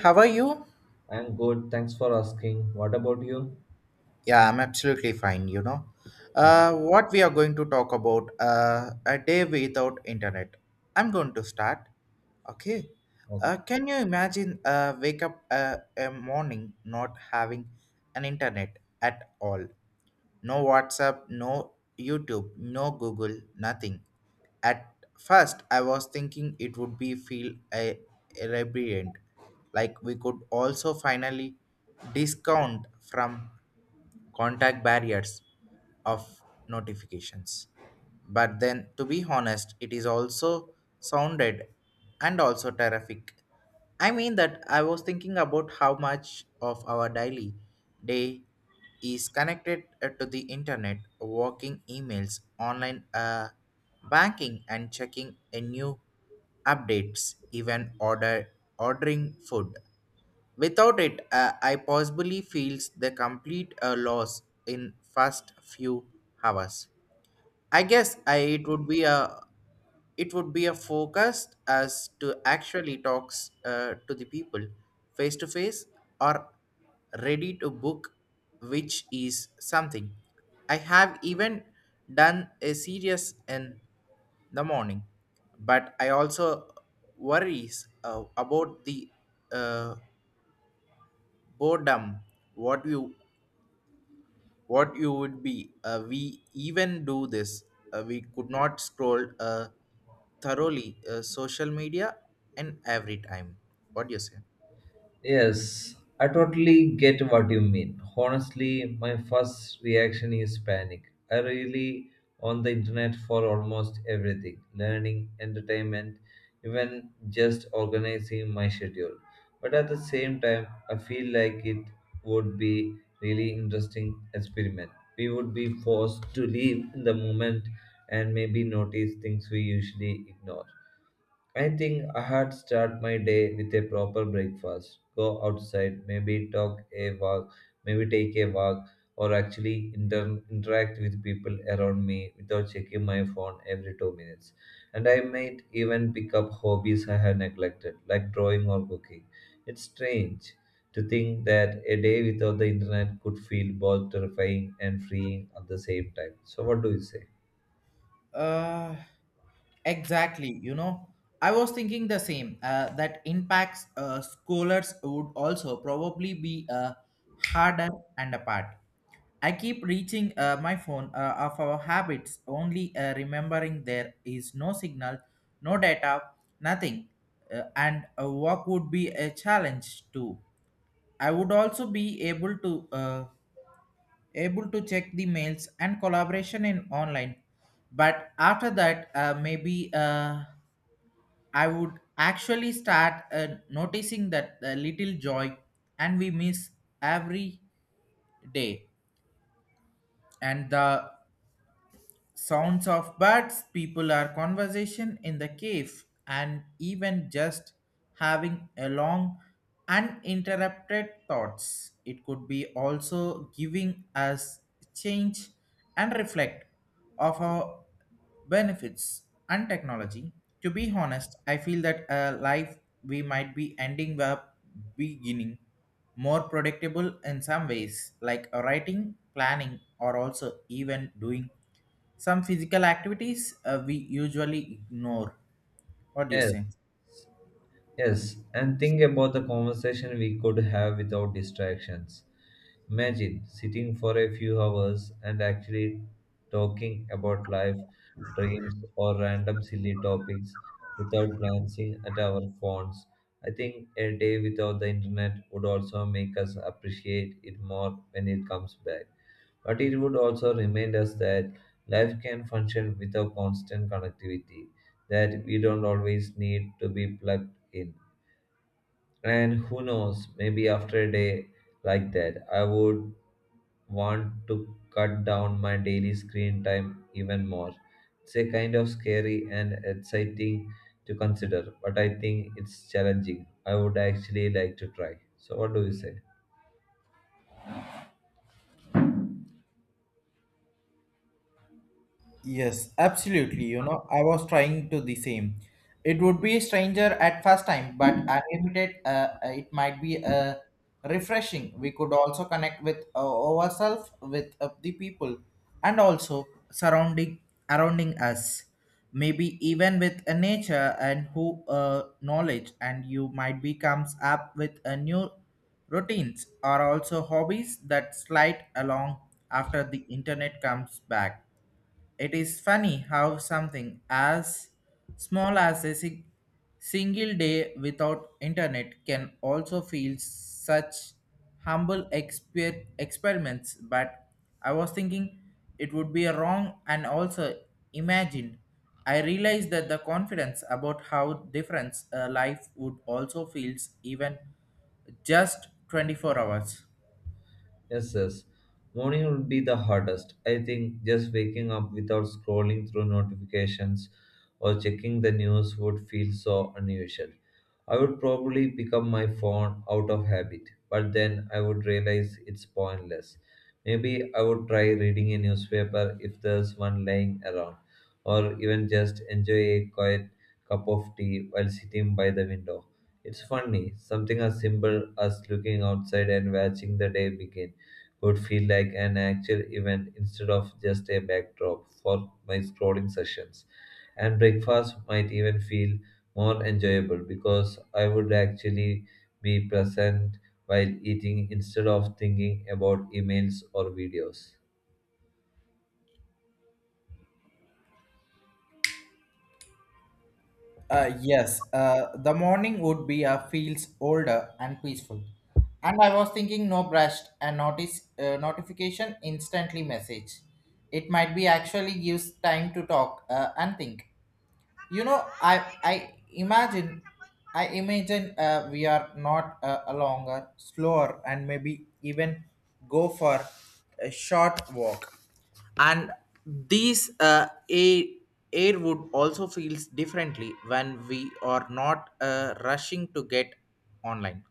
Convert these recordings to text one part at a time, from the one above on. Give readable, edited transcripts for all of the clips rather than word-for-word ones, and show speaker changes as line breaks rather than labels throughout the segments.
How are you?
I'm good. Thanks for asking. What about you?
Yeah, I'm absolutely fine.
Mm,
What we are going to talk about a day without internet. I'm going to start. Okay. Uh,
okay.
can you imagine wake up a morning not having an internet at all? No WhatsApp, no YouTube, no Google, nothing. At first, I was thinking it would be feel a radiant, like we could also finally discount from contact barriers of notifications. But then, to be honest, it is also sounded and also terrific. I mean that I was thinking about how much of our daily day is connected to the internet, working emails, online banking, and checking a new updates, even ordering food. Without it, I possibly feels the complete loss in first few hours. I guess it would be a focused as to actually talks to the people face to face or ready to book, which is something. I have even done a serious in the morning, but I also worries about the uh, boredom what you what you would be we even do this, we could not scroll thoroughly social media and every time what do you say?
Yes, I totally get what you mean. Honestly, my first reaction is panic. I really on the internet for almost everything, learning, entertainment, even just organizing my schedule. But at the same time, I feel like it would be really interesting experiment. We would be forced to live in the moment and maybe notice things we usually ignore. I think I had start my day with a proper breakfast. Go outside, maybe take a walk, or actually interact with people around me without checking my phone every 2 minutes. And I might even pick up hobbies I had neglected, like drawing or cooking. It's strange to think that a day without the internet could feel both terrifying and freeing at the same time. So, what do you say?
Uh, Exactly you know, I was thinking the same, that impacts scholars would also probably be harder and apart. I keep reaching my phone of our habits, only remembering there is no signal, no data, nothing, and what would be a challenge too. I would also be able to. Able to check the mails and collaboration in online, but after that, maybe I would actually start noticing that little joy and we miss every day, and the sounds of birds, people are conversation in the cave, and even just having a long, uninterrupted thoughts. It could be also giving us change and reflect of our benefits and technology. To be honest, I feel that a life we might be ending up beginning more predictable in some ways, like a writing, planning, or also even doing some physical activities we usually ignore. What do you
Yes.
say?
Yes, and think about the conversation we could have without distractions. Imagine sitting for a few hours and actually talking about life, dreams, or random silly topics without glancing at our phones. I think a day without the internet would also make us appreciate it more when it comes back. But it would also remind us that life can function without constant connectivity, that we don't always need to be plugged in. And who knows, maybe after a day like that, I would want to cut down my daily screen time even more. It's a kind of scary and exciting to consider, but I think it's challenging. I would actually like to try. So, what do you say?
Yes, absolutely. You know, I was trying to the same. It would be a stranger at first time, but unlimited, it might be refreshing. We could also connect with ourselves, with the people, and also surrounding surrounding us. Maybe even with a nature and who knowledge, and you might be comes up with a new routines or also hobbies that slide along after the internet comes back. It is funny how something as small as a single day without internet can also feel such humble experiments. But I was thinking it would be wrong and also imagined. I realized that the confidence about how different a life would also feels even just 24 hours.
Yes, yes. Morning would be the hardest. I think just waking up without scrolling through notifications or checking the news would feel so unusual. I would probably pick up my phone out of habit, but then I would realize it's pointless. Maybe I would try reading a newspaper if there's one lying around, or even just enjoy a quiet cup of tea while sitting by the window. It's funny, something as simple as looking outside and watching the day begin would feel like an actual event instead of just a backdrop for my scrolling sessions. And breakfast might even feel more enjoyable because I would actually be present while eating instead of thinking about emails or videos.
Yes, the morning would be feels older and peaceful. And I was thinking no brushed and notice notification instantly message. It might be actually gives time to talk and think. You know i i imagine we are not, a longer slower, and maybe even go for a short walk, and these air would also feels differently when we are not rushing to get online.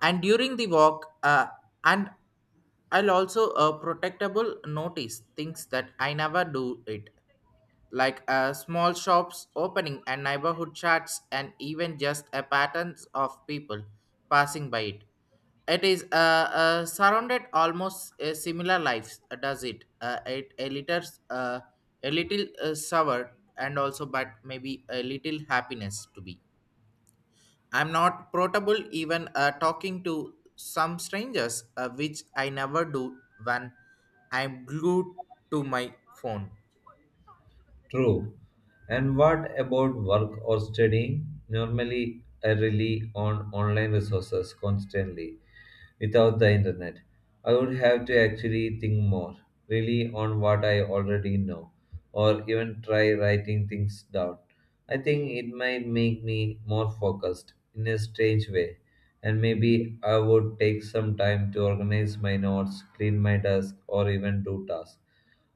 And during the walk, and I'll also protectable notice things that I never do it, like small shops opening and neighborhood chats and even just a patterns of people passing by it is, surrounded almost similar lives, does it it a little uh, sour, and also but maybe a little happiness to be. I'm not portable even talking to some strangers, which I never do when I'm glued to my phone.
True. And what about work or studying? Normally, I rely on online resources constantly without the internet. I would have to actually think more, really on what I already know, or even try writing things down. I think it might make me more focused in a strange way, and maybe I would take some time to organize my notes, clean my desk, or even do tasks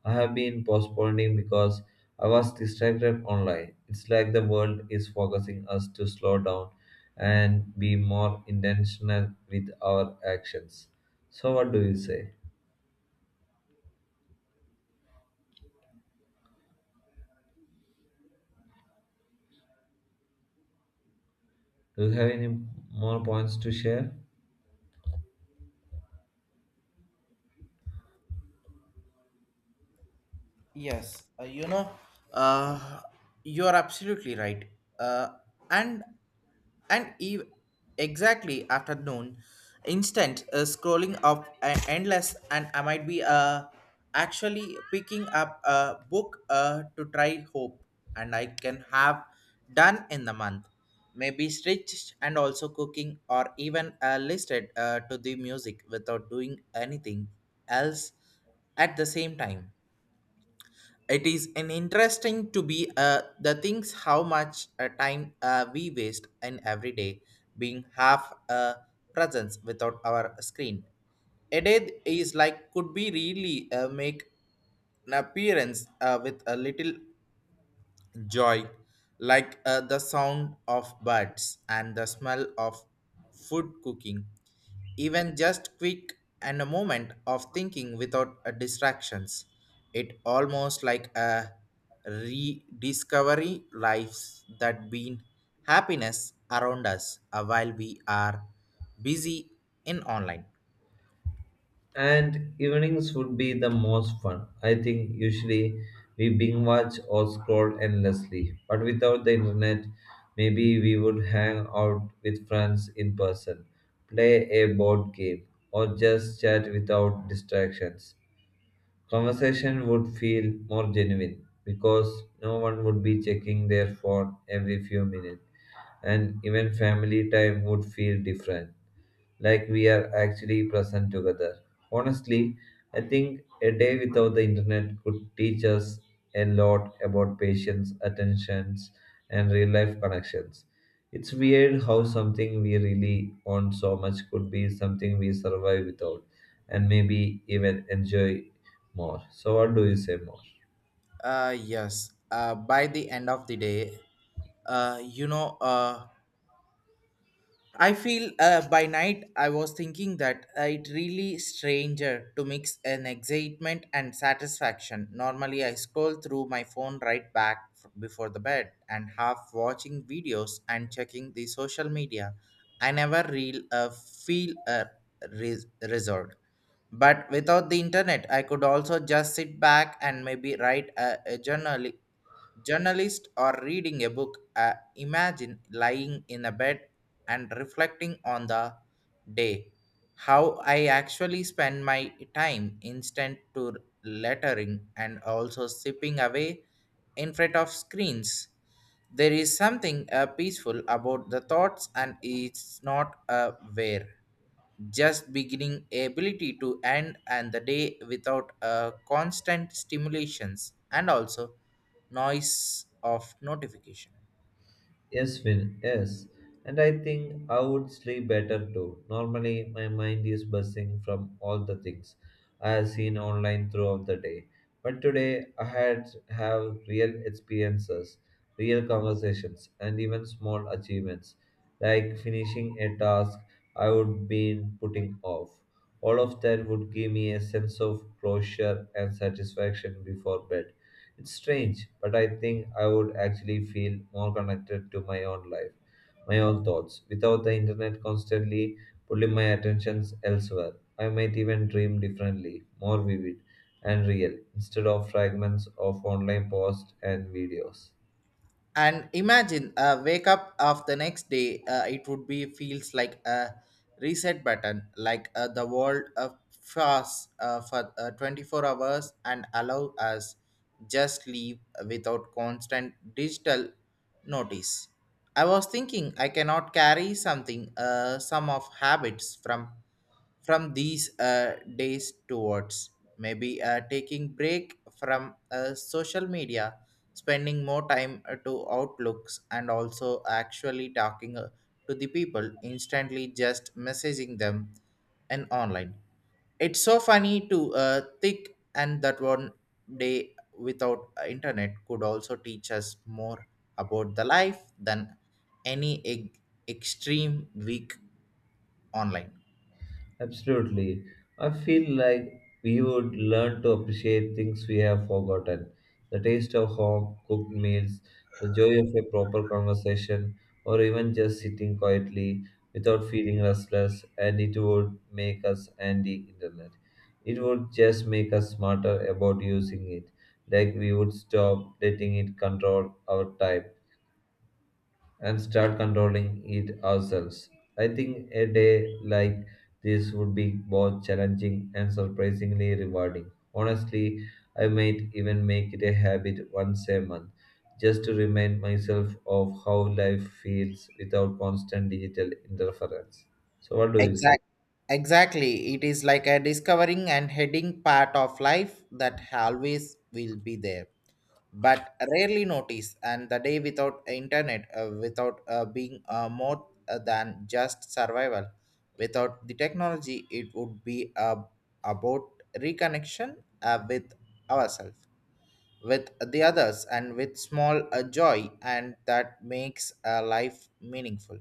I have been postponing because I was distracted online. It's like the world is forcing us to slow down and be more intentional with our actions. So, what do you say? Do you have any more points to share?
Yes, uh, you know, uh, you're absolutely right. Uh, and and ev- exactly after noon, instant scrolling of endless, and I might be, actually picking up a book to try hope, and I can have done in the month. Maybe stitched and also cooking, or even listed to the music without doing anything else at the same time. It is an interesting to be, the things how much time we waste in every day being half a presence without our screen. A day is like could be really make an appearance with a little joy, like the sound of birds and the smell of food cooking, even just quick and a moment of thinking without distractions. It almost like a rediscovery lives that been happiness around us while we are busy in online.
And evenings would be the most fun. I think usually we binge watch or scroll endlessly. But without the internet, maybe we would hang out with friends in person, play a board game, or just chat without distractions. Conversation would feel more genuine because no one would be checking their phone every few minutes, and even family time would feel different, like we are actually present together. Honestly, I think a day without the internet could teach us a lot about patience, attentions, and real life connections. It's weird how something we really want so much could be something we survive without and maybe even enjoy more. So what do you say more?
Yes, by the end of the day, uh, you know. Uh, I feel, by night I was thinking that, it really stranger to mix an excitement and satisfaction. Normally I scroll through my phone right back before the bed and half watching videos and checking the social media. I never real feel a resort. But without the internet, I could also just sit back and maybe write a journalist or reading a book. Imagine lying in a bed and reflecting on the day how I actually spend my time instant to lettering and also sipping away in front of screens. There is something peaceful about the thoughts, and it's not a wear, just beginning ability to end and the day without a constant stimulations and also noise of notification.
Yes, Finn, yes. And I think I would sleep better too. Normally my mind is buzzing from all the things I have seen online throughout the day. But today I had have real experiences, real conversations and even small achievements. Like finishing a task I would been putting off. All of that would give me a sense of closure and satisfaction before bed. It's strange, but I think I would actually feel more connected to my own life, my own thoughts, without the internet constantly pulling my attentions elsewhere. I might even dream differently, more vivid and real, instead of fragments of online posts and videos.
And imagine, wake up of the next day. It would be feels like a reset button, like the world of fast for 24 hours and allow us just leave without constant digital notice. I was thinking I cannot carry something, some of habits from these days towards, maybe taking break from social media, spending more time to outlooks, and also actually talking to the people instantly just messaging them and online. It's so funny to think and that one day without internet could also teach us more about the life than any extreme week online.
Absolutely. I feel like we would learn to appreciate things we have forgotten the taste of home cooked meals, the joy of a proper conversation, or even just sitting quietly without feeling restless. And it would make us anti internet. It would just make us smarter about using it, like we would stop letting it control our time and start controlling it ourselves. I think a day like this would be both challenging and surprisingly rewarding. Honestly, I might even make it a habit once a month just to remind myself of how life feels without constant digital interference. So, what do you say?
Exactly, exactly, it is like a discovering and heading part of life that always will be there but rarely notice. And the day without internet, without being more than just survival without the technology, it would be about reconnection with ourselves, with the others, and with small joy, and that makes life meaningful.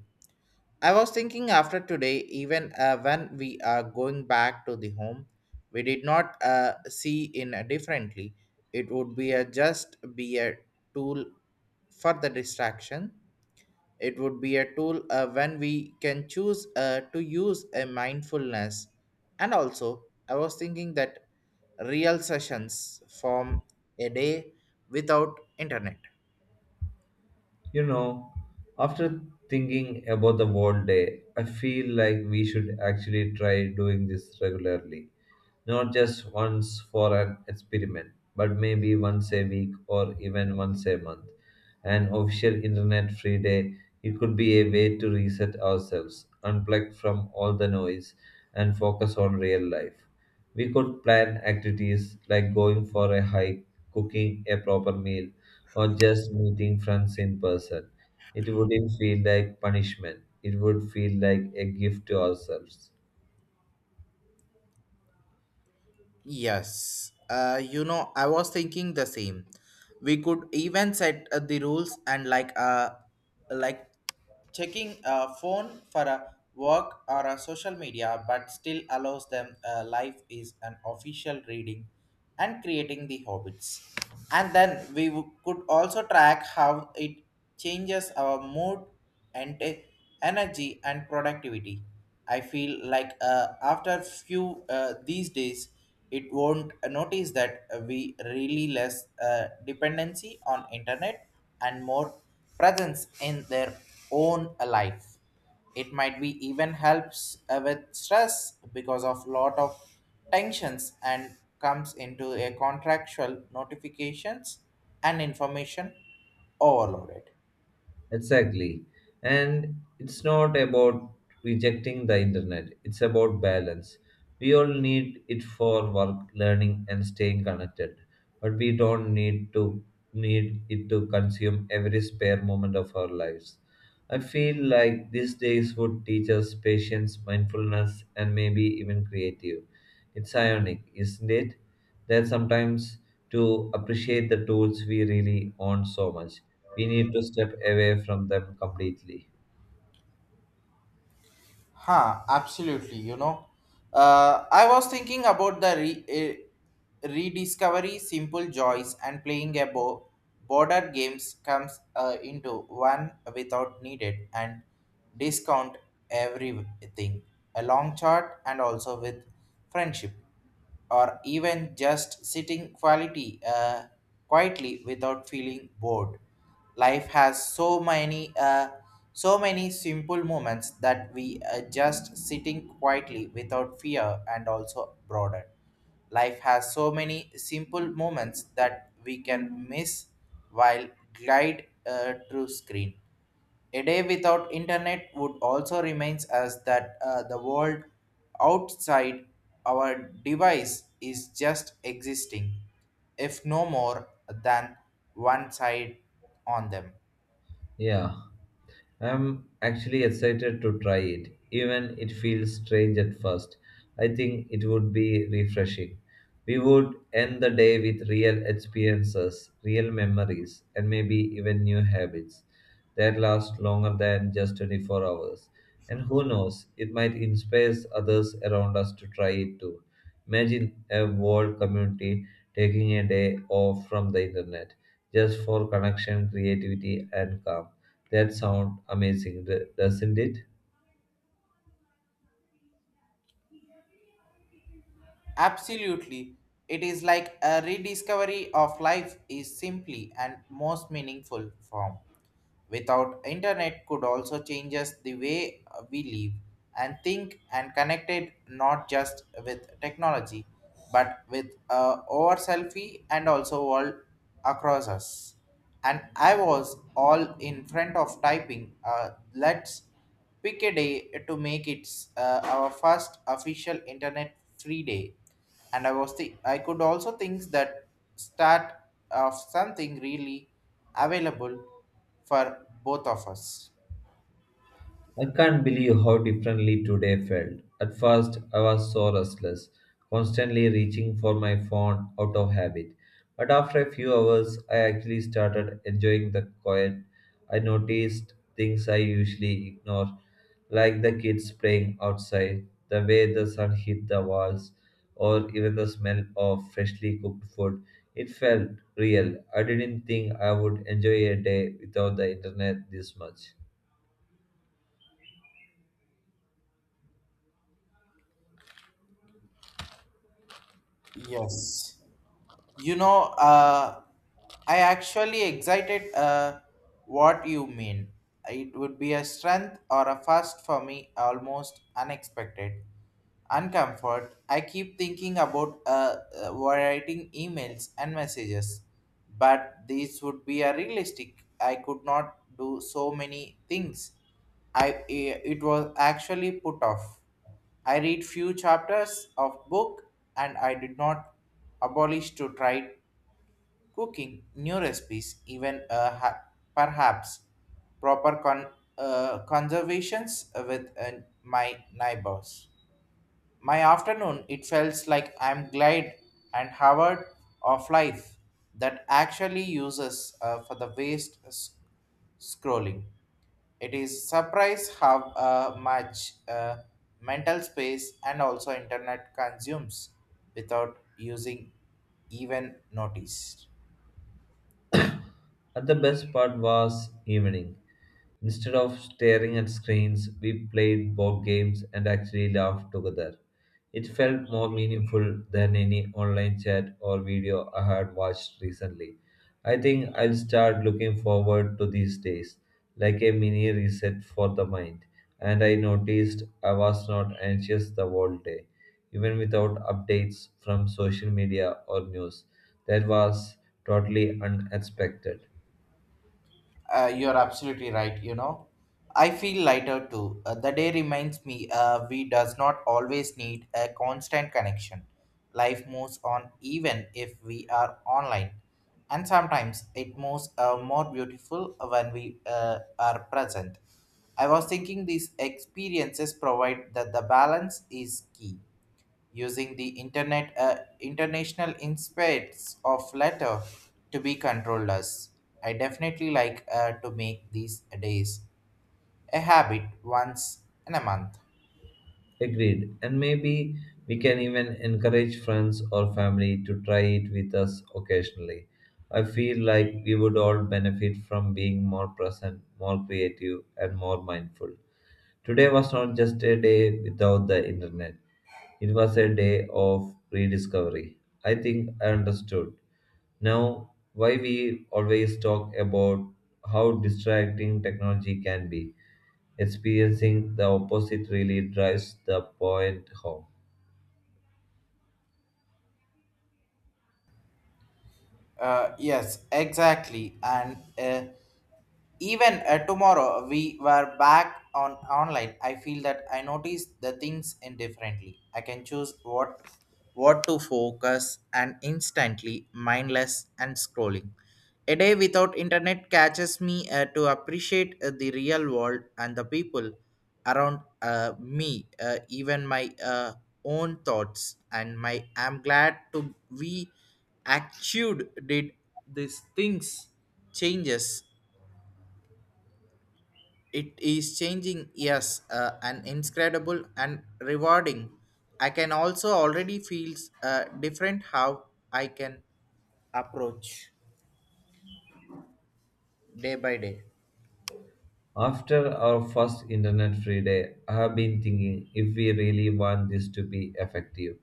I was thinking after today, even when we are going back to the home, we did not see in a differently. It would be a just be a tool for the distraction. It would be a tool when we can choose to use a mindfulness. And also, I was thinking that real sessions form a day without internet.
You know, after thinking about the whole day, I feel like we should actually try doing this regularly. Not just once for an experiment, but maybe once a week or even once a month. An official internet free day, it could be a way to reset ourselves, unplug from all the noise, and focus on real life. We could plan activities like going for a hike, cooking a proper meal, or just meeting friends in person. It wouldn't feel like punishment, it would feel like a gift to ourselves.
Yes, I was thinking the same. We could even set the rules, and like, like checking a phone for a work or a social media, but still allows them life is an official reading and creating the habits. And then could also track how it changes our mood and energy and productivity. I feel like, after few these days, it won't notice that we really less dependency on internet and more presence in their own life. It might be even helps with stress because of lot of tensions and comes into a contractual notifications and information overloaded.
Exactly. And it's not about rejecting the internet, it's about balance. We all need it for work, learning, and staying connected, but we don't need to need it to consume every spare moment of our lives. I feel like these days would teach us patience, mindfulness, and maybe even creative. It's ironic, isn't it? That sometimes to appreciate the tools we really own so much, we need to step away from them completely.
Absolutely. You know, I was thinking about the rediscovery simple joys and playing a border games comes into one without needed and discount everything. A long chart and also with friendship, or even just sitting quality quietly without feeling bored. Life has so many simple moments that we are just sitting quietly without fear and also broader. Life has so many simple moments that we can miss while glide through screen. A day without internet would also remains as that, the world outside our device is just existing, if no more than one side on them.
Yeah. I'm actually excited to try it, even it feels strange at first. I think it would be refreshing. We would end the day with real experiences, real memories, and maybe even new habits that last longer than just 24 hours. And who knows, it might inspire others around us to try it too. Imagine a world community taking a day off from the internet just for connection, creativity, and calm. That sounds amazing, doesn't it?
Absolutely, it is like a rediscovery of life is simply and most meaningful form. Without internet could also change us the way we live and think and connected not just with technology but with, our selfie and also world across us. And I was all in front of typing, let's pick a day to make it our first official internet free day. And I was I could also think that start of something really available for both of us.
I can't believe how differently today felt. At first, I was so restless, constantly reaching for my phone out of habit. But after a few hours, I actually started enjoying the quiet. I noticed things I usually ignore, like the kids playing outside, the way the sun hit the walls, or even the smell of freshly cooked food. It felt real. I didn't think I would enjoy a day without the internet this much.
Yes. You know, I actually excited what you mean. It would be a strength or a fast for me, almost unexpected. Uncomfort. I keep thinking about writing emails and messages, but these would be a realistic. I could not do so many things. I it was actually put off. I read few chapters of book and I did not abolish to try cooking new recipes even perhaps proper con- conservations with my neighbors. My afternoon it felt like I'm glad and Howard of life that actually uses for the scrolling. It is surprise how much mental space and also internet consumes without using even notice.
And the best part was evening. Instead of staring at screens, we played board games and actually laughed together. It felt more meaningful than any online chat or video I had watched recently. I think I'll start looking forward to these days, like a mini reset for the mind. And I noticed I was not anxious the whole day, even without updates from social media or news. That was totally unexpected.
You're absolutely right. You know, I feel lighter too. The day reminds me we does not always need a constant connection. Life moves on even if we are online, and sometimes it moves more beautiful when we are present. I was thinking these experiences provide that the balance is key using the internet international inspects of letter to be controllers. I definitely like to make these days a habit once in a month.
Agreed. And maybe we can even encourage friends or family to try it with us occasionally. I feel like we would all benefit from being more present, more creative, and more mindful. Today was not just a day without the internet, it was a day of rediscovery. I think I understood now why we always talk about how distracting technology can be. Experiencing the opposite really drives the point home.
Yes, exactly, and even tomorrow we were back on online. I feel that I notice the things indifferently. I can choose what to focus and instantly mindless and scrolling. A day without internet catches me to appreciate the real world and the people around me even my own thoughts and my I'm glad to we actually did these things changes. It is changing, yes, and incredible and rewarding. I can also already feel different how I can approach day by day.
After our first internet free day, I have been thinking if we really want this to be effective.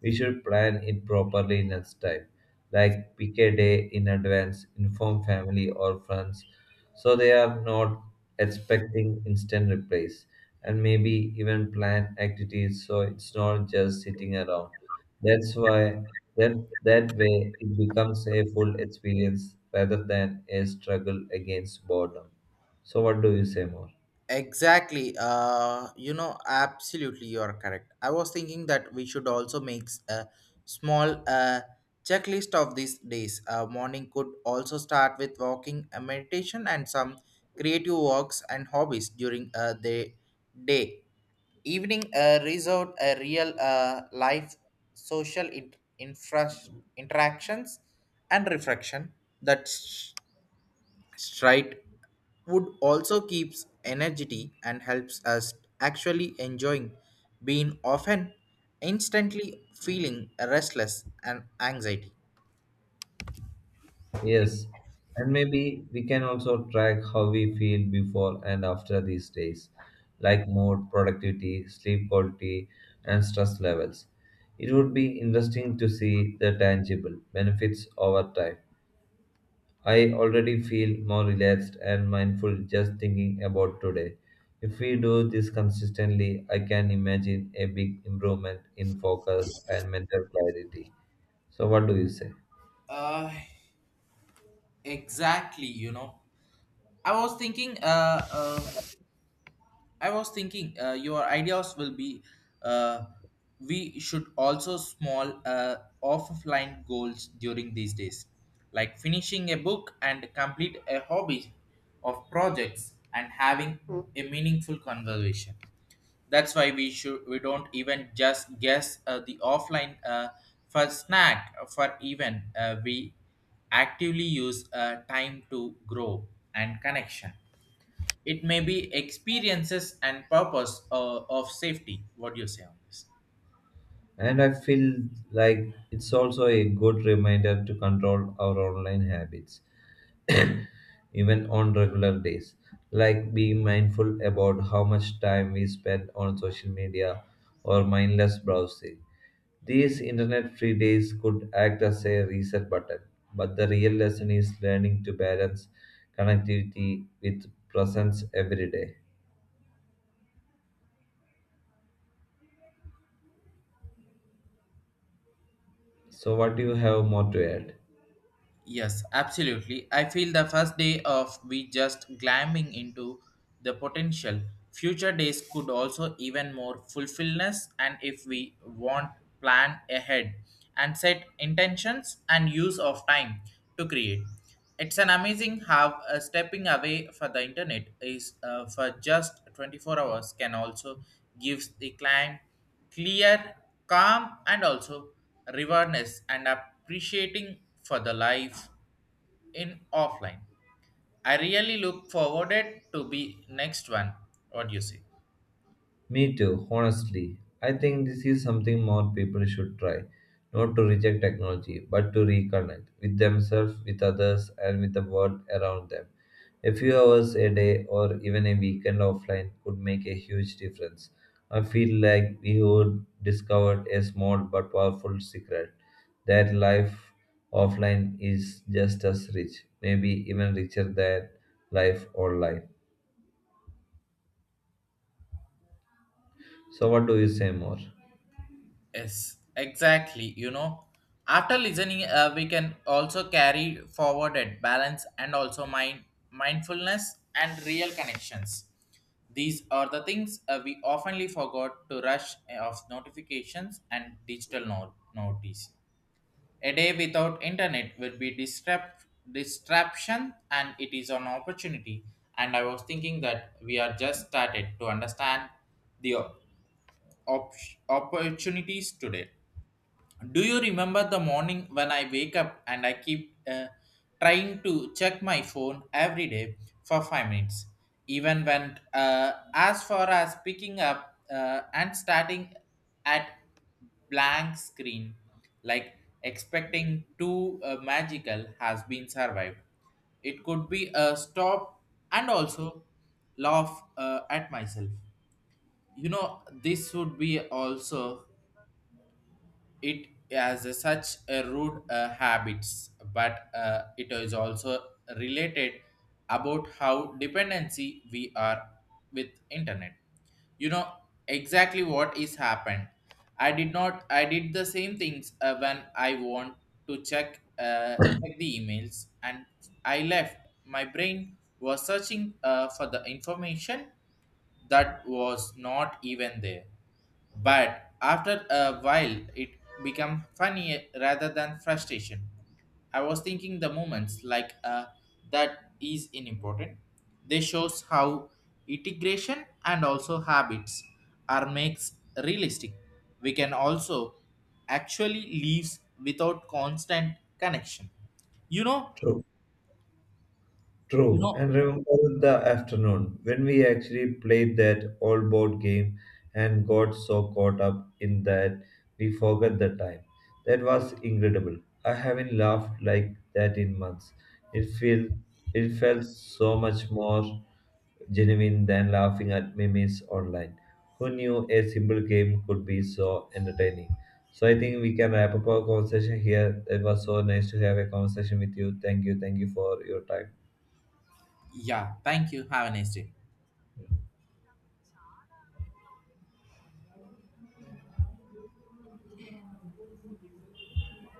We should plan it properly next time, like pick a day in advance, inform family or friends so they are not expecting instant replies, and maybe even plan activities so it's not just sitting around. That's why that that way it becomes a full experience rather than a struggle against boredom. So what do you say more?
Exactly. You know, absolutely, you are correct. I was thinking that we should also a small checklist of these days. Morning could also start with walking, a meditation, and some creative works and hobbies during the day. Evening resort, a real life social interactions and reflection. That's Stride wood also keeps energy and helps us actually enjoying being often instantly feeling restless and anxiety.
Yes, and maybe we can also track how we feel before and after these days, like mood, productivity, sleep quality, and stress levels. It would be interesting to see the tangible benefits over time. I already feel more relaxed and mindful just thinking about today. If we do this consistently, I can imagine a big improvement in focus and mental clarity. So, what do you say?
Uh, exactly, you know. I was thinking uh, uh I was thinking your ideas will be uh, we should also small offline goals during these days, like finishing a book and complete a hobby of projects and having a meaningful conversation. That's why we don't even just guess the offline for snack for even we actively use time to grow and connection. It may be experiences and purpose of safety. What do you say on this?
And I feel like it's also a good reminder to control our online habits, even on regular days, like being mindful about how much time we spend on social media or mindless browsing. These internet free days could act as a reset button, but the real lesson is learning to balance connectivity with presence every day. So, what do you have more to add?
Yes, absolutely. I feel the first day of we just climbing into the potential. Future days could also even more fulfillness and if we want plan ahead and set intentions and use of time to create. It's an amazing how stepping away for the internet is for just 24 hours can also gives the client clear, calm, and also rewardness and appreciating for the life in offline. I really look forwarded to be next one. What do you say?
Me too, honestly. I think this is something more people should try. Not to reject technology, but to reconnect with themselves, with others, and with the world around them. A few hours a day or even a weekend offline could make a huge difference. I feel like we would discover a small but powerful secret that life offline is just as rich, maybe even richer than life online. So, what do you say more?
Yes, exactly. You know, after listening, we can also carry forward at balance and also mindfulness and real connections. These are the things we oftenly forgot to rush of notifications and digital notice. A day without internet will be distraction and it is an opportunity. And I was thinking that we are just started to understand the op- opportunities today. Do you remember the morning when I wake up and I keep trying to check my phone every day for 5 minutes? Even when, as far as picking up and starting at blank screen, like expecting two magical has been survived. It could be a stop and also laugh at myself. You know, this would be also it has a such a rude habits but it is also related about how dependency we are with internet. You know, exactly what is happened. I did not I did the same things when I want to check the emails and I left my brain was searching for the information that was not even there. But after a while, it became funny rather than frustration. I was thinking the moments like that is unimportant. They shows how integration and also habits are makes realistic. We can also actually lives without constant connection. You know,
True.
you
True,
know.
and remember the afternoon when we actually played that old board game and got so caught up in that we forgot the time. That was incredible. I haven't laughed like that in months. It feel it felt so much more genuine than laughing at memes online. Who knew a simple game could be so entertaining? So I think we can wrap up our conversation here. It was so nice to have a conversation with you. Thank you for your time.
Yeah. Thank you. Have a nice day.